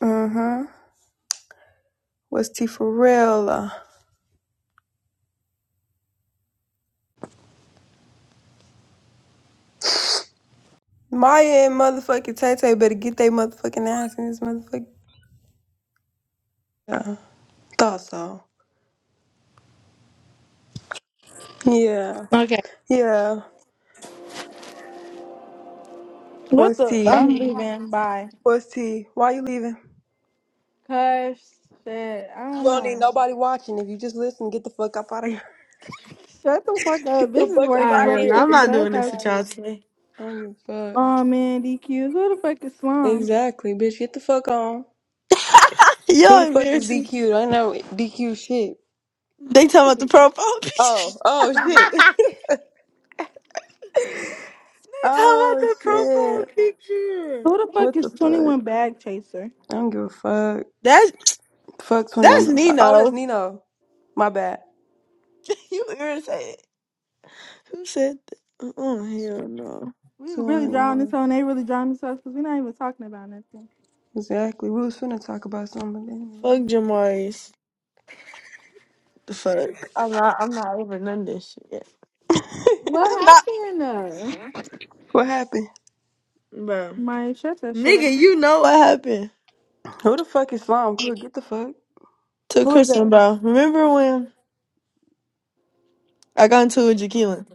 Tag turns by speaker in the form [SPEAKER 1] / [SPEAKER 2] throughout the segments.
[SPEAKER 1] Uh-huh. Was T for real? Uh, Maya and motherfucking Tay Tay better get their motherfucking ass in this motherfucking. Yeah. Thought so. Yeah.
[SPEAKER 2] Okay,
[SPEAKER 1] Yeah.
[SPEAKER 2] What
[SPEAKER 1] What's
[SPEAKER 2] the?
[SPEAKER 1] T?
[SPEAKER 2] I'm leaving. Bye.
[SPEAKER 1] What's T? Why you leaving?
[SPEAKER 2] Cuss. Shit. I
[SPEAKER 1] You
[SPEAKER 2] don't
[SPEAKER 1] don't need
[SPEAKER 2] know.
[SPEAKER 1] nobody watching. If you just listen, get the fuck up out of here.
[SPEAKER 2] Shut the fuck up.
[SPEAKER 1] Get the
[SPEAKER 2] This is
[SPEAKER 1] fuck up
[SPEAKER 2] work.
[SPEAKER 3] I
[SPEAKER 1] out of
[SPEAKER 3] no!
[SPEAKER 1] here.
[SPEAKER 3] I'm
[SPEAKER 1] Get
[SPEAKER 2] Motherfucking
[SPEAKER 1] the
[SPEAKER 3] not
[SPEAKER 2] cuss
[SPEAKER 3] doing
[SPEAKER 1] fuck up
[SPEAKER 3] this
[SPEAKER 2] house.
[SPEAKER 1] out
[SPEAKER 3] with
[SPEAKER 1] of
[SPEAKER 3] y'all
[SPEAKER 1] here.
[SPEAKER 3] today.
[SPEAKER 1] I don't give a fuck.
[SPEAKER 2] Oh man, DQ. Who the fuck is Slum?
[SPEAKER 1] Exactly, bitch. Get the fuck on. Who the
[SPEAKER 3] Y'all
[SPEAKER 1] fuck is
[SPEAKER 3] embarrassing.
[SPEAKER 1] DQ? I know DQ shit.
[SPEAKER 3] They talking
[SPEAKER 2] Who
[SPEAKER 3] about the profile picture.
[SPEAKER 1] Oh, oh shit.
[SPEAKER 3] They talking about
[SPEAKER 1] oh
[SPEAKER 3] the profile
[SPEAKER 1] shit.
[SPEAKER 3] picture.
[SPEAKER 2] the fuck
[SPEAKER 1] What the
[SPEAKER 2] is
[SPEAKER 1] fuck?
[SPEAKER 2] 21 Bag Chaser?
[SPEAKER 1] I don't give a fuck.
[SPEAKER 3] That's
[SPEAKER 1] Fuck 21.
[SPEAKER 3] that's
[SPEAKER 1] Bro- Oh, that's
[SPEAKER 3] Nino.
[SPEAKER 1] Nino. My bad.
[SPEAKER 3] you irritated. Who said that? Oh hell no.
[SPEAKER 2] We really
[SPEAKER 1] 200
[SPEAKER 2] drawing this
[SPEAKER 1] more.
[SPEAKER 2] hoe and they really drawing this hoe because we're not even talking about nothing.
[SPEAKER 1] Exactly. We was finna talk about something, but
[SPEAKER 3] Fuck
[SPEAKER 1] then
[SPEAKER 3] Jamari's. The fuck. I'm not. I'm not over none of this shit. Yet.
[SPEAKER 2] What
[SPEAKER 3] I'm not,
[SPEAKER 2] happened there?
[SPEAKER 1] What happened?
[SPEAKER 3] bro.
[SPEAKER 2] My shut that shit up.
[SPEAKER 3] Nigga, you know what happened
[SPEAKER 1] Who the fuck is Slime Crew? Get the fuck.
[SPEAKER 3] to
[SPEAKER 1] Who is that?
[SPEAKER 3] Kristen, bro? Remember when I got into it with Jaqueline?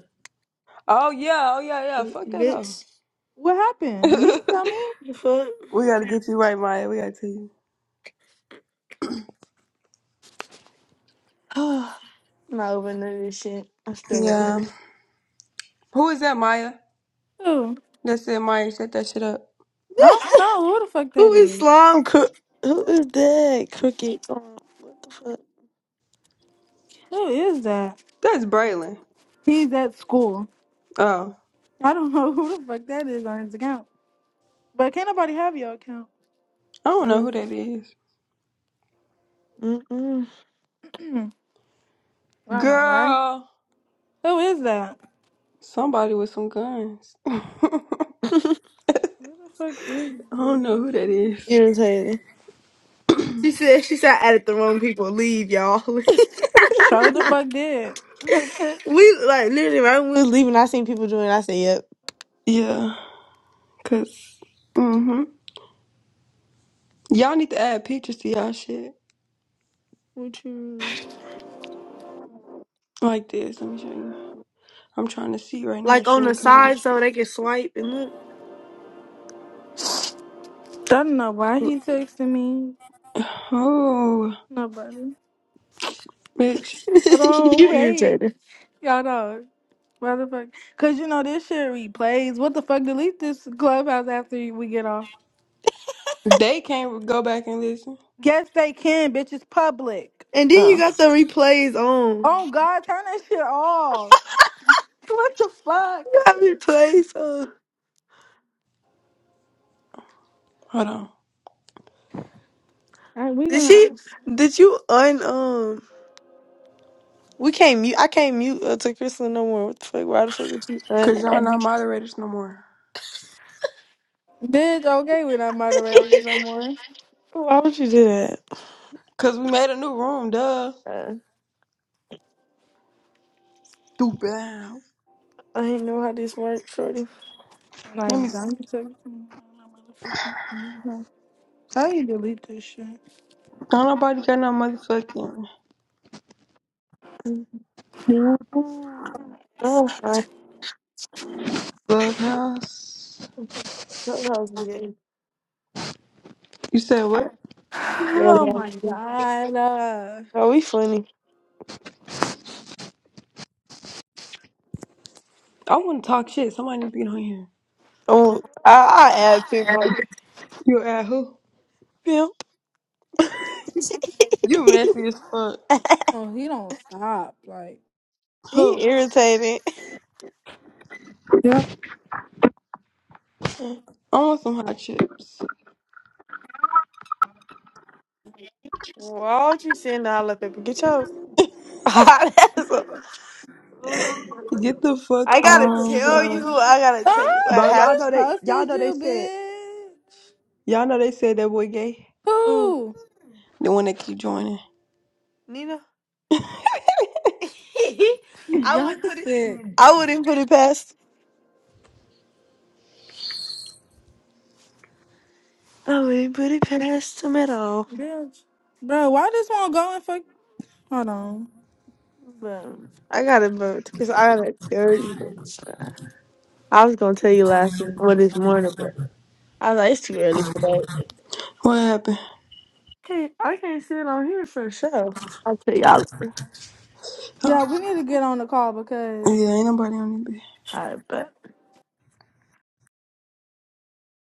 [SPEAKER 1] Oh, yeah. Oh, yeah, yeah. Fuck that hoe.
[SPEAKER 3] Bitch.
[SPEAKER 2] What happened? You didn't tell me?
[SPEAKER 3] The fuck.
[SPEAKER 1] we gotta get you right, Maya. We gotta tell you.
[SPEAKER 3] Oh, I'm not over none of this shit. I'm still over
[SPEAKER 1] Yeah.
[SPEAKER 3] here.
[SPEAKER 1] Who is that, Maya?
[SPEAKER 2] Who?
[SPEAKER 1] That's it, Maya. Shut that shit up.
[SPEAKER 2] I don't know who the fuck
[SPEAKER 3] Who
[SPEAKER 2] that
[SPEAKER 3] is
[SPEAKER 2] is.
[SPEAKER 3] slime cook? Who is that cookie? Um, what the fuck?
[SPEAKER 2] Who is that?
[SPEAKER 1] That's Braylon.
[SPEAKER 2] He's at school.
[SPEAKER 1] Oh.
[SPEAKER 2] I don't know who the fuck that is on his account. But can't nobody have your account?
[SPEAKER 1] I don't know
[SPEAKER 3] Mm,
[SPEAKER 1] who that is.
[SPEAKER 3] mm,
[SPEAKER 2] Hmm, I don't know, right?
[SPEAKER 1] Girl.
[SPEAKER 2] Who is that?
[SPEAKER 1] Somebody with some guns. I
[SPEAKER 3] mm.
[SPEAKER 2] Who the fuck is
[SPEAKER 1] don't know
[SPEAKER 2] this?
[SPEAKER 1] who that is.
[SPEAKER 3] Irritating. She said she said I added the wrong people. Leave y'all.
[SPEAKER 2] Show the fuck did. I
[SPEAKER 3] we like literally right when we was leaving, I seen people doing. it. I said, "Yep."
[SPEAKER 1] Yeah, cause mm-hmm. y'all need to add pictures to y'all shit
[SPEAKER 3] What you
[SPEAKER 1] like this. Let me show you. I'm trying to see right now.
[SPEAKER 3] like
[SPEAKER 1] She
[SPEAKER 3] on the
[SPEAKER 1] didn't come out.
[SPEAKER 3] side so they can swipe and look.
[SPEAKER 2] don't know why
[SPEAKER 1] yet.
[SPEAKER 2] he texting me.
[SPEAKER 1] Oh,
[SPEAKER 2] Nobody.
[SPEAKER 1] bitch.
[SPEAKER 2] Hold on,
[SPEAKER 3] you
[SPEAKER 2] wait.
[SPEAKER 3] irritating.
[SPEAKER 2] Y'all know. Why the fuck? Cause you know this shit replays. What the fuck? Delete this clubhouse after we get off.
[SPEAKER 1] They can't go back and listen.
[SPEAKER 2] Yes, they can, bitch. It's public.
[SPEAKER 3] And then you
[SPEAKER 1] Oh,
[SPEAKER 3] got the replays on.
[SPEAKER 2] Oh God, turn that shit off. What the fuck?
[SPEAKER 3] You got replays on.
[SPEAKER 1] hold on.
[SPEAKER 2] All right, we
[SPEAKER 3] Did
[SPEAKER 2] gonna
[SPEAKER 3] she?
[SPEAKER 2] ask.
[SPEAKER 3] Did you un um? We can't mute. I can't mute uh, to Kristen no more. What the fuck? Why the fuck would you?
[SPEAKER 1] Cause y'all not moderators no more.
[SPEAKER 2] Bitch, okay, we're not moderators no more.
[SPEAKER 3] why would you do that?
[SPEAKER 1] Cause we made a new room, duh.
[SPEAKER 3] Uh,
[SPEAKER 1] Stupid.
[SPEAKER 3] I ain't know how this works, shorty.
[SPEAKER 1] Let
[SPEAKER 2] Like,
[SPEAKER 1] me.
[SPEAKER 2] don't you tell me something, my motherfucking computer. How do you delete this shit?
[SPEAKER 1] Don't nobody got no motherfucking
[SPEAKER 3] Oh, hi.
[SPEAKER 1] clubhouse.
[SPEAKER 3] Clubhouse be getting-
[SPEAKER 1] You said what?
[SPEAKER 2] Oh
[SPEAKER 3] Clubhouse
[SPEAKER 2] my
[SPEAKER 3] be-
[SPEAKER 2] god. Uh,
[SPEAKER 3] Oh, we funny.
[SPEAKER 1] I want to talk shit. Somebody need to get on here.
[SPEAKER 3] Oh, I, I add people.
[SPEAKER 1] You at who?
[SPEAKER 3] Pimp.
[SPEAKER 1] You messy as fuck.
[SPEAKER 2] oh, he don't stop. Like,
[SPEAKER 3] He
[SPEAKER 1] Who?
[SPEAKER 3] irritated.
[SPEAKER 2] Yeah.
[SPEAKER 1] I want some hot chips.
[SPEAKER 3] Why would you send all that paper? Get your hot ass up.
[SPEAKER 1] Get the fuck
[SPEAKER 3] I gotta
[SPEAKER 1] on,
[SPEAKER 3] tell
[SPEAKER 1] bro.
[SPEAKER 3] you. I gotta tell you
[SPEAKER 2] oh,
[SPEAKER 3] what
[SPEAKER 1] Bro,
[SPEAKER 2] just
[SPEAKER 1] y'all know
[SPEAKER 2] just
[SPEAKER 3] happened.
[SPEAKER 1] they y'all
[SPEAKER 2] posted
[SPEAKER 1] know they
[SPEAKER 2] you,
[SPEAKER 1] said
[SPEAKER 2] bitch.
[SPEAKER 1] y'all know they said that boy gay.
[SPEAKER 3] Who?
[SPEAKER 2] Who?
[SPEAKER 1] The one that keep joining.
[SPEAKER 3] Nina? I
[SPEAKER 2] Y'all
[SPEAKER 3] wouldn't put it.
[SPEAKER 2] sick,
[SPEAKER 3] I wouldn't put it past. I wouldn't put it past him at all.
[SPEAKER 2] bitch. Bro, why this one go and fuck? Hold on.
[SPEAKER 3] But I gotta vote because I gotta tell you. I was gonna tell you last night or this morning, but I was like, it's too early for that.
[SPEAKER 1] What happened?
[SPEAKER 3] Hey, I can't sit on here for a show. I'll tell y'all.
[SPEAKER 2] Yeah, we need to get on the call because
[SPEAKER 1] Yeah, ain't nobody on it. bitch.
[SPEAKER 3] All right,